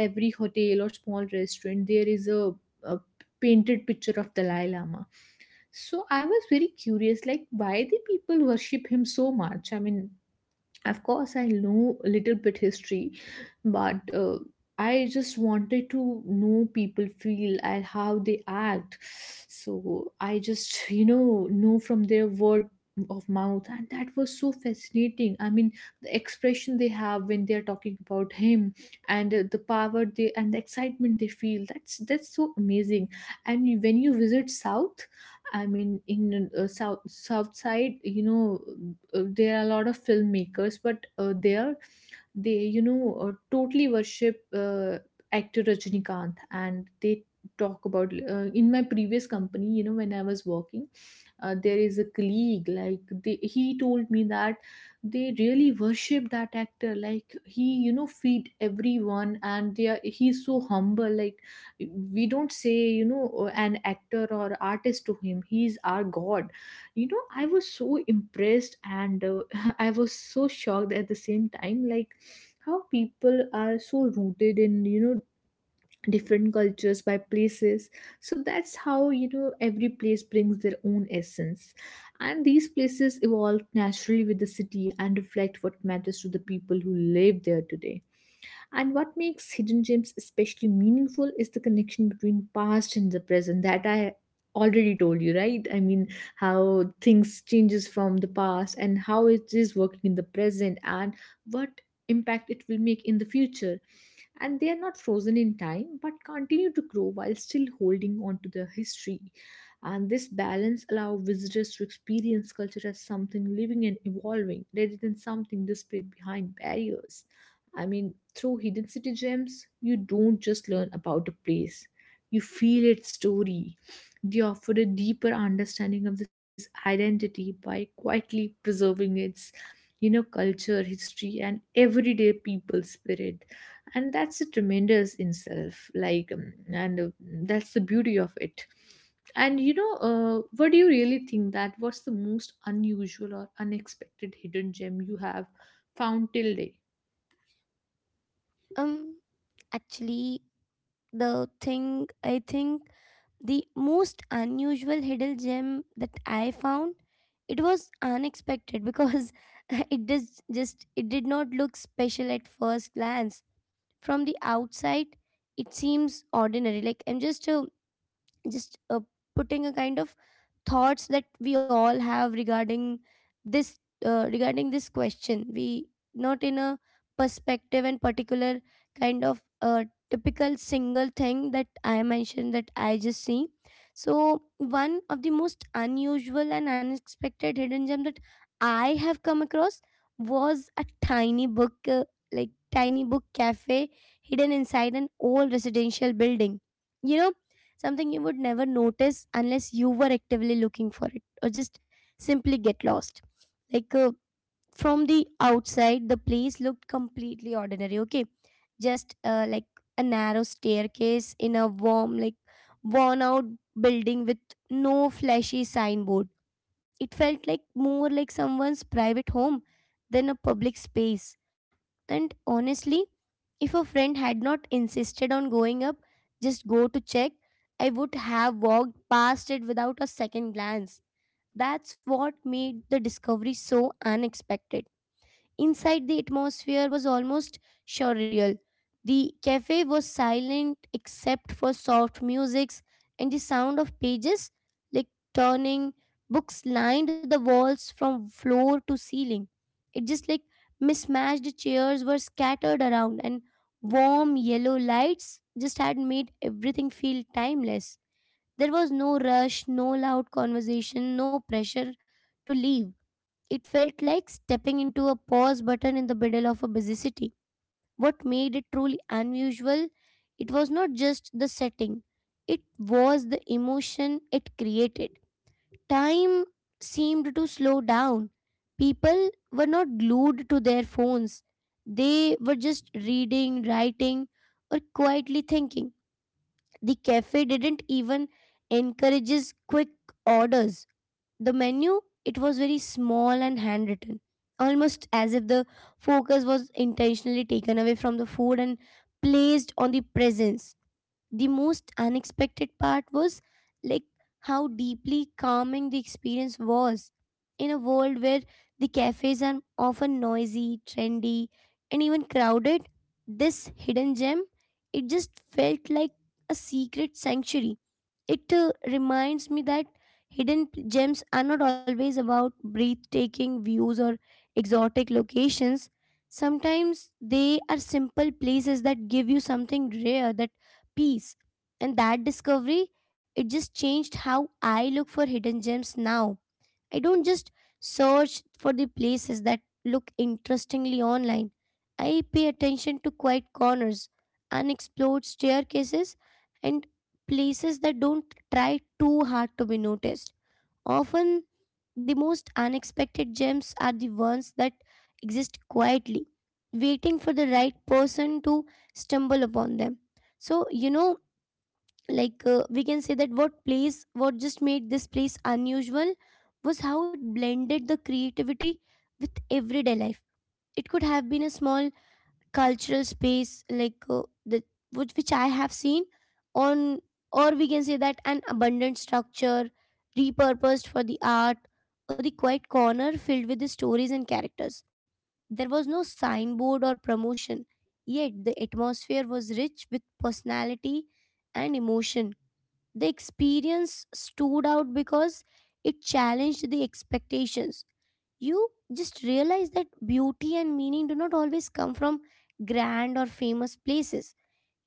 S2: every hotel or small restaurant there is a painted picture of Dalai Lama. So I was very curious, like why the people worship him so much. I mean, of course, I know a little bit history, but I just wanted to know people feel and how they act. So I just, (laughs) know from their word of mouth, and that was so fascinating. I mean, the expression they have when they are talking about him, and the power they and the excitement they feel. That's so amazing. And when you visit South, I mean, in south side, there are a lot of filmmakers, but there they totally worship actor Rajnikant, and they talk about, in my previous company, when I was working, there is a colleague, like he told me that they really worship that actor, like he feed everyone, and he's so humble, like we don't say, an actor or artist to him, he's our god. I was so impressed, and (laughs) I was so shocked at the same time, like how people are so rooted in different cultures by places. So that's how, every place brings their own essence, and these places evolve naturally with the city and reflect what matters to the people who live there today. And what makes hidden gems especially meaningful is the connection between past and the present that I already told you, right? I mean, how things changes from the past and how it is working in the present and what impact it will make in the future, and they are not frozen in time but continue to grow while still holding on to their history. And this balance allows visitors to experience culture as something living and evolving rather than something displayed behind barriers. I mean, through hidden city gems, you don't just learn about a place, you feel its story. They offer a deeper understanding of the city's identity by quietly preserving its, culture, history, and everyday people spirit, and that's a tremendous in self, like and that's the beauty of it. And, what do you really think that what's the most unusual or unexpected hidden gem you have found till date?
S1: um Actually, the thing I think, the most unusual hidden gem that I found, it was unexpected because (laughs) it does just it did not look special at first glance. From the outside, it seems ordinary, like I'm just a just putting a kind of thoughts that we all have this regarding this question, we not in a perspective and particular kind of typical single thing that I mentioned that I just see. So one of the most unusual and unexpected hidden gem that I have come across was a tiny book like tiny book cafe hidden inside an old residential building, you know, something you would never notice unless you were actively looking for it or just simply get lost. Like from the outside, the place looked completely ordinary, okay, just like a narrow staircase in a warm, like worn out building with no flashy signboard. It felt like more like someone's private home than a public space. And honestly, if a friend had not insisted on going up, just go to check, I would have walked past it without a second glance. That's what made the discovery so unexpected. Inside, the atmosphere was almost surreal. The cafe was silent except for soft musics and the sound of pages like turning. Books lined the walls from floor to ceiling. It just like mismatched chairs were scattered around, and warm yellow lights just had made everything feel timeless. There was no rush, no loud conversation, no pressure to leave. It felt like stepping into a pause button in the middle of a busy city. What made it truly unusual, it was not just the setting, it was the emotion it created. Time seemed to slow down. People were not glued to their phones, they were just reading, writing, or quietly thinking. The cafe didn't even encourage quick orders. The menu, it was very small and handwritten, almost as if the focus was intentionally taken away from the food and placed on the presence. The most unexpected part was like how deeply calming the experience was. In a world where the cafes are often noisy, trendy, and even crowded, this hidden gem, it just felt like a secret sanctuary. It reminds me that gems are not always about breathtaking views or exotic locations. Sometimes they are simple places that give you something rare, that peace. And that discovery, it just changed how I look for hidden gems now. I don't just search for the places that look interestingly online. I pay attention to quiet corners, unexplored staircases, and places that don't try too hard to be noticed. Often, the most unexpected gems are the ones that exist quietly, waiting for the right person to stumble upon them. So, you know, we can say that what just made this place unusual was how it blended the creativity with everyday life. It could have been a small cultural space, the which I have seen on, or we can say that an abundant structure repurposed for the art, or the quiet corner filled with the stories and characters. There was no signboard or promotion, yet the atmosphere was rich with personality and emotion. The experience stood out because it challenged the expectations. You just realize that beauty and meaning do not always come from grand or famous places.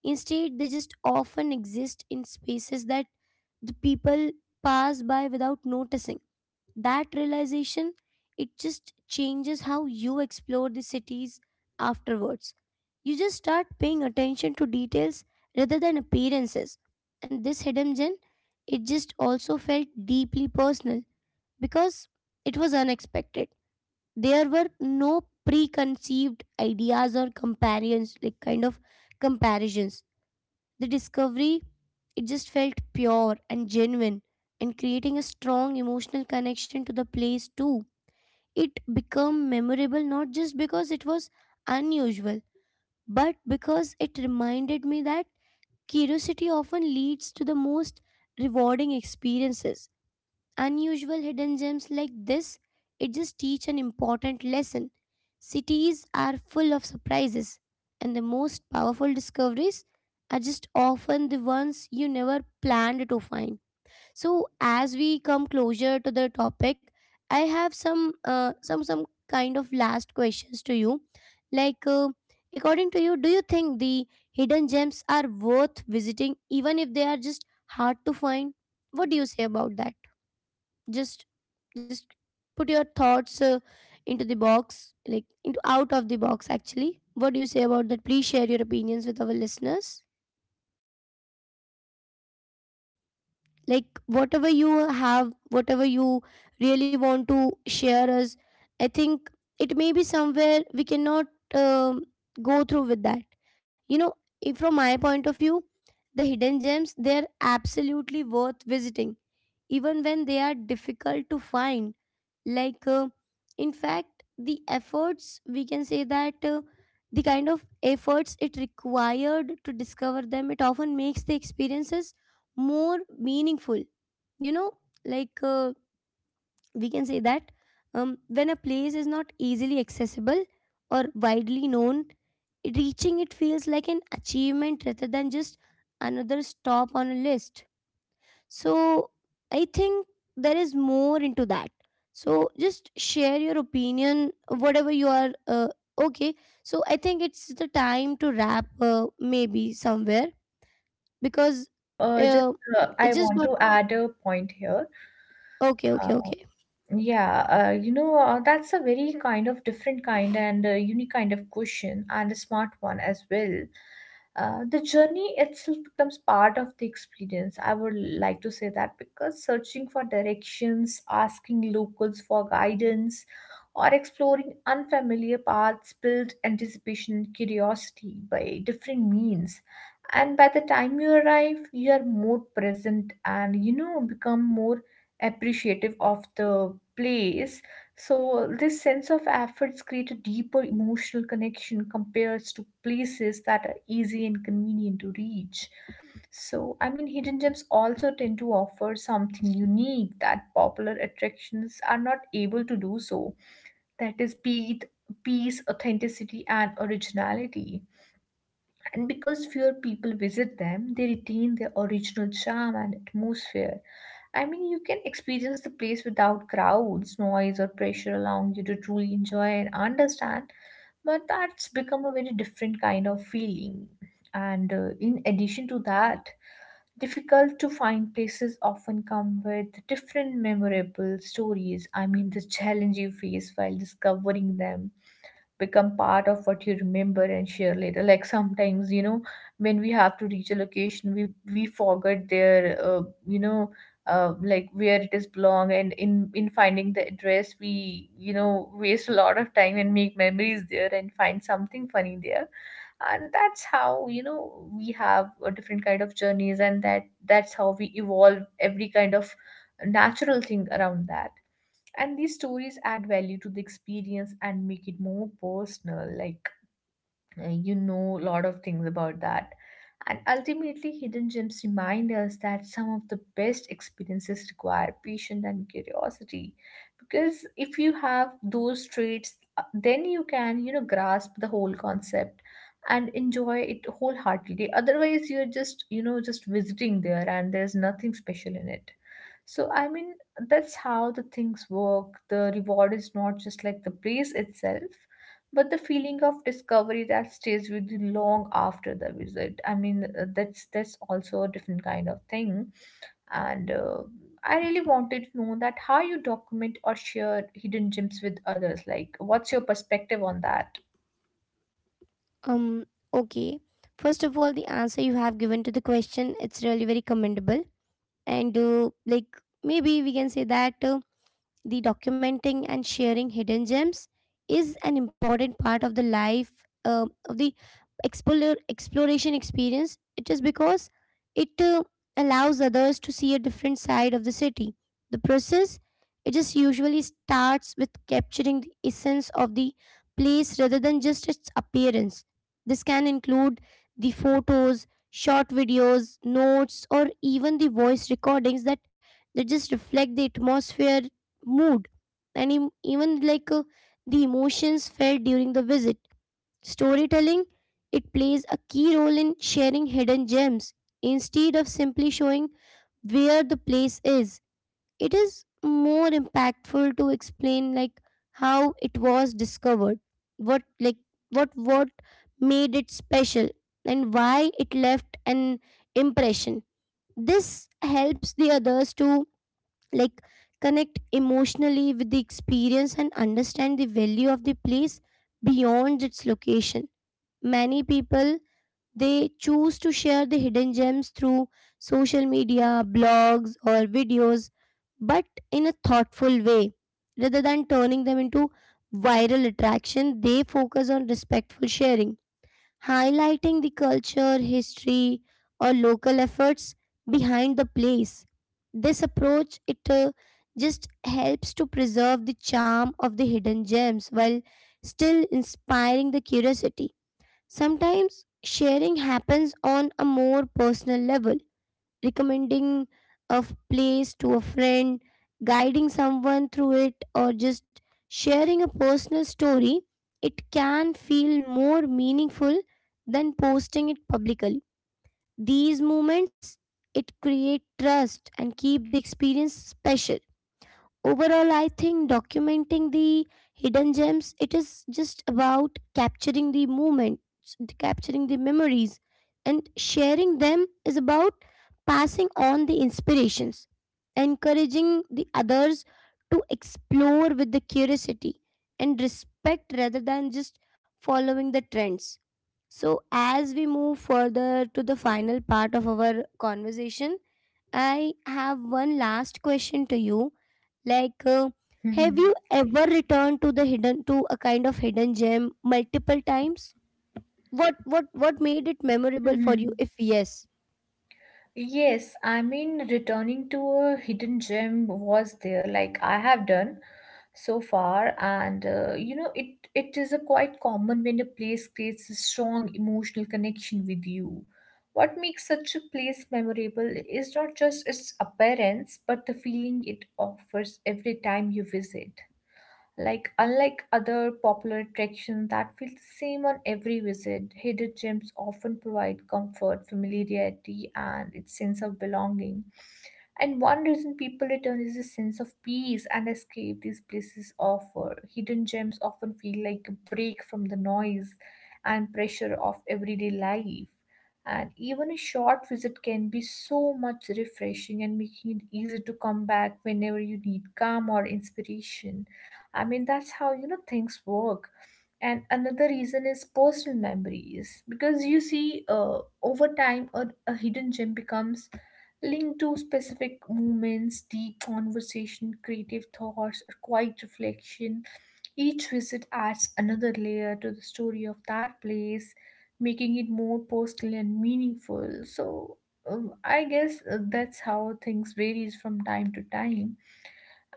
S1: Instead, they just often exist in spaces that the people pass by without noticing. That realization, it just changes how you explore the cities afterwards. You just start paying attention to details rather than appearances. And this hidden gem, it just also felt deeply personal because it was unexpected. There were no preconceived ideas or companions like kind of comparisons. The discovery, it just felt pure and genuine, and creating a strong emotional connection to the place too. It became memorable not just because it was unusual, but because it reminded me that curiosity often leads to the most rewarding experiences. Unusual hidden gems like this, it just teach an important lesson. Cities are full of surprises, and the most powerful discoveries are just often the ones you never planned to find. So, as we come closer to the topic, I have some some kind of last questions to you. Like, uh, According to you, do you think the hidden gems are worth visiting, even if they are just hard to find? What do you say about that? just just put your thoughts into the box, like into out of the box, actually. What do you say about that? Please share your opinions with our listeners, like whatever you have, whatever you really want to share us. I think it may be somewhere we cannot, um, go through with that, you know. If from my point of view, the hidden gems they're absolutely worth visiting even when they are difficult to find. like uh, in fact, the efforts, we can say that, the kind of efforts it required to discover them, it often makes the experiences more meaningful, you know. like uh, we can say that, when a place is not easily accessible or widely known, reaching it feels like an achievement rather than just another stop on a list. So I think there is more into that. So just share your opinion, whatever you are. Okay. So I think it's the time to wrap, maybe somewhere
S2: Mhm. No, no,
S1: because
S2: just
S1: uh, it's
S2: I
S1: just
S2: want
S1: not
S2: to add a point here.
S1: okay. Okay.
S2: Uh,
S1: Okay.
S2: yeah, that's a very kind of different kind and unique kind of question, and a smart one as well. The journey itself becomes part of the experience. I would like to say that because searching for directions, asking locals for guidance, or exploring unfamiliar paths build anticipation and curiosity by different means. And by the time you arrive, you are more present, and become more appreciative of the place. So, this sense of efforts create a deeper emotional connection compared to places that are easy and convenient to reach. So, I mean, hidden gems also tend to offer something unique that popular attractions are not able to do so. That is, be it peace, authenticity, and originality. And because fewer people visit them, they retain their original charm and atmosphere. I mean, you can experience the place without crowds, noise, or pressure, allowing you to truly enjoy and understand. But that's become a very different kind of feeling. And in addition to that, difficult to find places often come with different memorable stories. I mean, the challenge you face while discovering them become part of what you remember and share later, like sometimes, when we have to reach a location, we forget their, like where it is belong, and in finding the address we, waste a lot of time and make memories there and find something funny there, and that's how, we have a different kind of journeys, and that's how we evolve every kind of natural thing around that. And these stories add value to the experience and make it more personal, like a lot of things about that. And ultimately hidden gems remind us that some of the best experiences require patience and curiosity, because if you have those traits, then you can, grasp the whole concept and enjoy it wholeheartedly. Otherwise you're just, just visiting there and there's nothing special in it. So, I mean, that's how the things work. The reward is not just like the place itself, but the feeling of discovery that stays with you long after the visit. I mean, that's also a different kind of thing. And I really wanted to know that how you document or share hidden gems with others. Like, what's your perspective on that?
S1: Um. Okay. First of all, the answer you have given to the question, it's really very commendable, and like maybe we can say that. The documenting and sharing hidden gems is an important part of the life, of the exploration experience. It is because it allows others to see a different side of the city. The process, it just usually starts with capturing the essence of the place rather than just its appearance. This can include the photos, short videos, notes, or even the voice recordings that just reflect the atmosphere, mood, and even the emotions felt during the visit. Storytelling, it plays a key role in sharing hidden gems. Instead of simply showing where the place is, it is more impactful to explain like how it was discovered, what like what made it special, and why it left an impression. This helps the others to like connect emotionally with the experience and understand the value of the place beyond its location. Many people, they choose to share the hidden gems through social media, blogs, or videos, but in a thoughtful way, rather than turning them into viral attraction. They focus on respectful sharing, highlighting the culture, history, or local efforts behind the place. This approach, it just helps to preserve the charm of the hidden gems while still inspiring the curiosity. Sometimes sharing happens on a more personal level: recommending a place to a friend, guiding someone through it, or just sharing a personal story, it can feel more meaningful than posting it publicly. These moments, it create trust and keep the experience special. Overall, I think documenting the hidden gems, it is just about capturing the moments, capturing the memories, and sharing them is about passing on the inspirations, encouraging the others to explore with the curiosity and respect, rather than just following the trends. So as we move further to the final part of our conversation, I have one last question to you. Like, uh, have you
S2: (laughs)
S1: ever returned to the hidden to a kind of hidden gem multiple times? What made it memorable for you?
S2: Hmm.
S1: If yes,
S2: Yes, I mean, returning to a hidden gem was there, like I have done so far, and it is a quite common when a place creates a strong emotional connection with you. What makes such a place memorable is not just its appearance, but the feeling it offers every time you visit. Like unlike other popular attractions that feel the same on every visit, hidden gems often provide comfort, familiarity, and its sense of belonging. And one reason people return is a sense of peace and escape these places offer. Hidden gems often feel like a break from the noise and pressure of everyday life. And even a short visit can be so much refreshing and making it easy to come back whenever you need calm or inspiration. I mean, that's how, things work. And another reason is personal memories, because you see, over time, a hidden gem becomes linked to specific moments: deep conversation, creative thoughts, or quiet reflection. Each visit adds another layer to the story of that place, making it more personal and meaningful. So, I guess that's how things varies from time to time.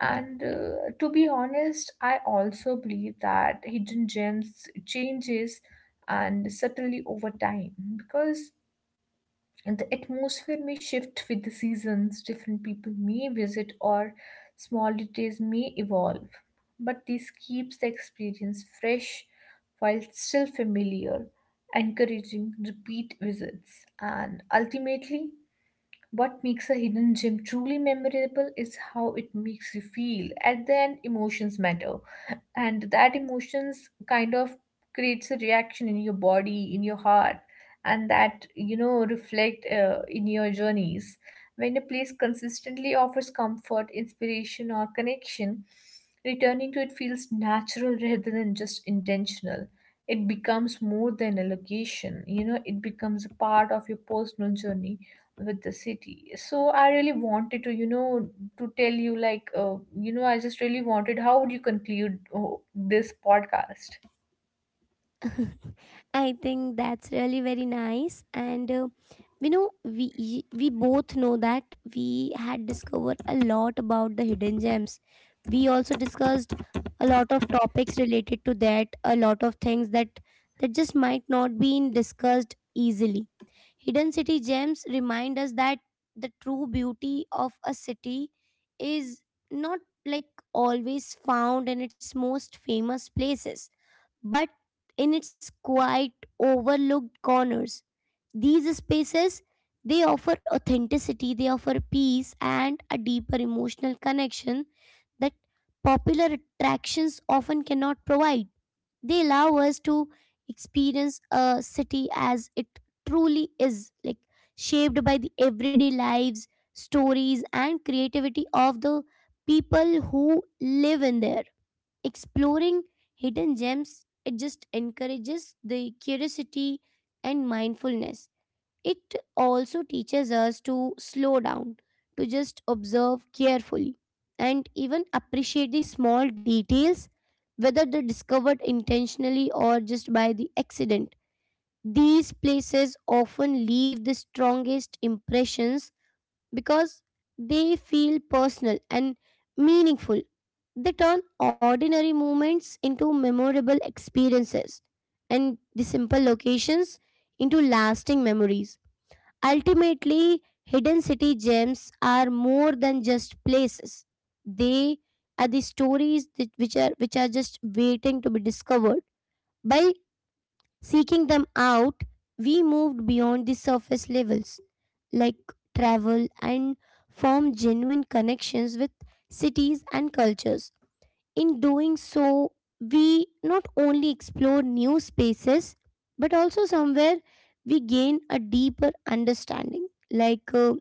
S2: And, to be honest, I also believe that hidden gems changes and subtly over time, because and the atmosphere may shift with the seasons, different people may visit, or small details may evolve. But this keeps the experience fresh while still familiar, encouraging repeat visits. And ultimately, what makes a hidden gem truly memorable is how it makes you feel. At the end, emotions matter, and that emotions kind of creates a reaction in your body, in your heart, and that, reflect in your journeys. When a place consistently offers comfort, inspiration, or connection, returning to it feels natural (laughs) rather than just intentional. It becomes more than a location, it becomes a part of your personal journey with the city. So I really wanted to, tell you, like, I just really wanted how would you conclude, oh, this podcast.
S1: (laughs) I think that's really very nice. And you know, we both know that we had discovered a lot about the hidden gems. We also discussed a lot of topics related to that, a lot of things that just might not be discussed easily. Hidden city gems remind us that the true beauty of a city is not like always found in its most famous places, but in its quiet, overlooked corners. These spaces, they offer authenticity, they offer peace and a deeper emotional connection that popular attractions often cannot provide. They allow us to experience a city as it truly is, like shaped by the everyday lives, stories, and creativity of the people who live in there. Exploring hidden gems, it just encourages the curiosity and mindfulness. It also teaches us to slow down, to just observe carefully, and even appreciate the small details, whether they're discovered intentionally or just by the accident. These places often leave the strongest impressions because they feel personal and meaningful. They turn ordinary moments into memorable experiences and the simple locations into lasting memories. Ultimately, hidden city gems are more than just places. They are the stories that, which are just waiting to be discovered. By seeking them out, we moved beyond the surface levels like travel and form genuine connections with cities and cultures. In doing so, we not only explore new spaces, but also somewhere we gain a deeper understanding.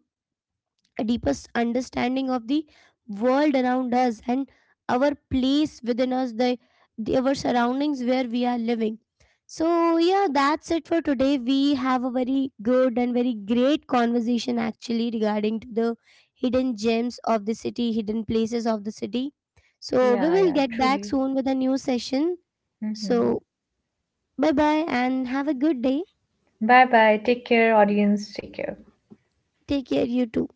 S1: A deepest understanding of the world around us, and our place within us, the our surroundings where we are living. So yeah, that's it for today. We have a very good and very great conversation actually regarding to the hidden gems of the city, hidden places of the city. So we
S2: Yeah,
S1: will
S2: yeah,
S1: get back
S2: truly.
S1: soon with a new session.
S2: Mm-hmm.
S1: So bye bye, and have a good day.
S2: Bye bye, take care, audience, take care.
S1: Take care, you too.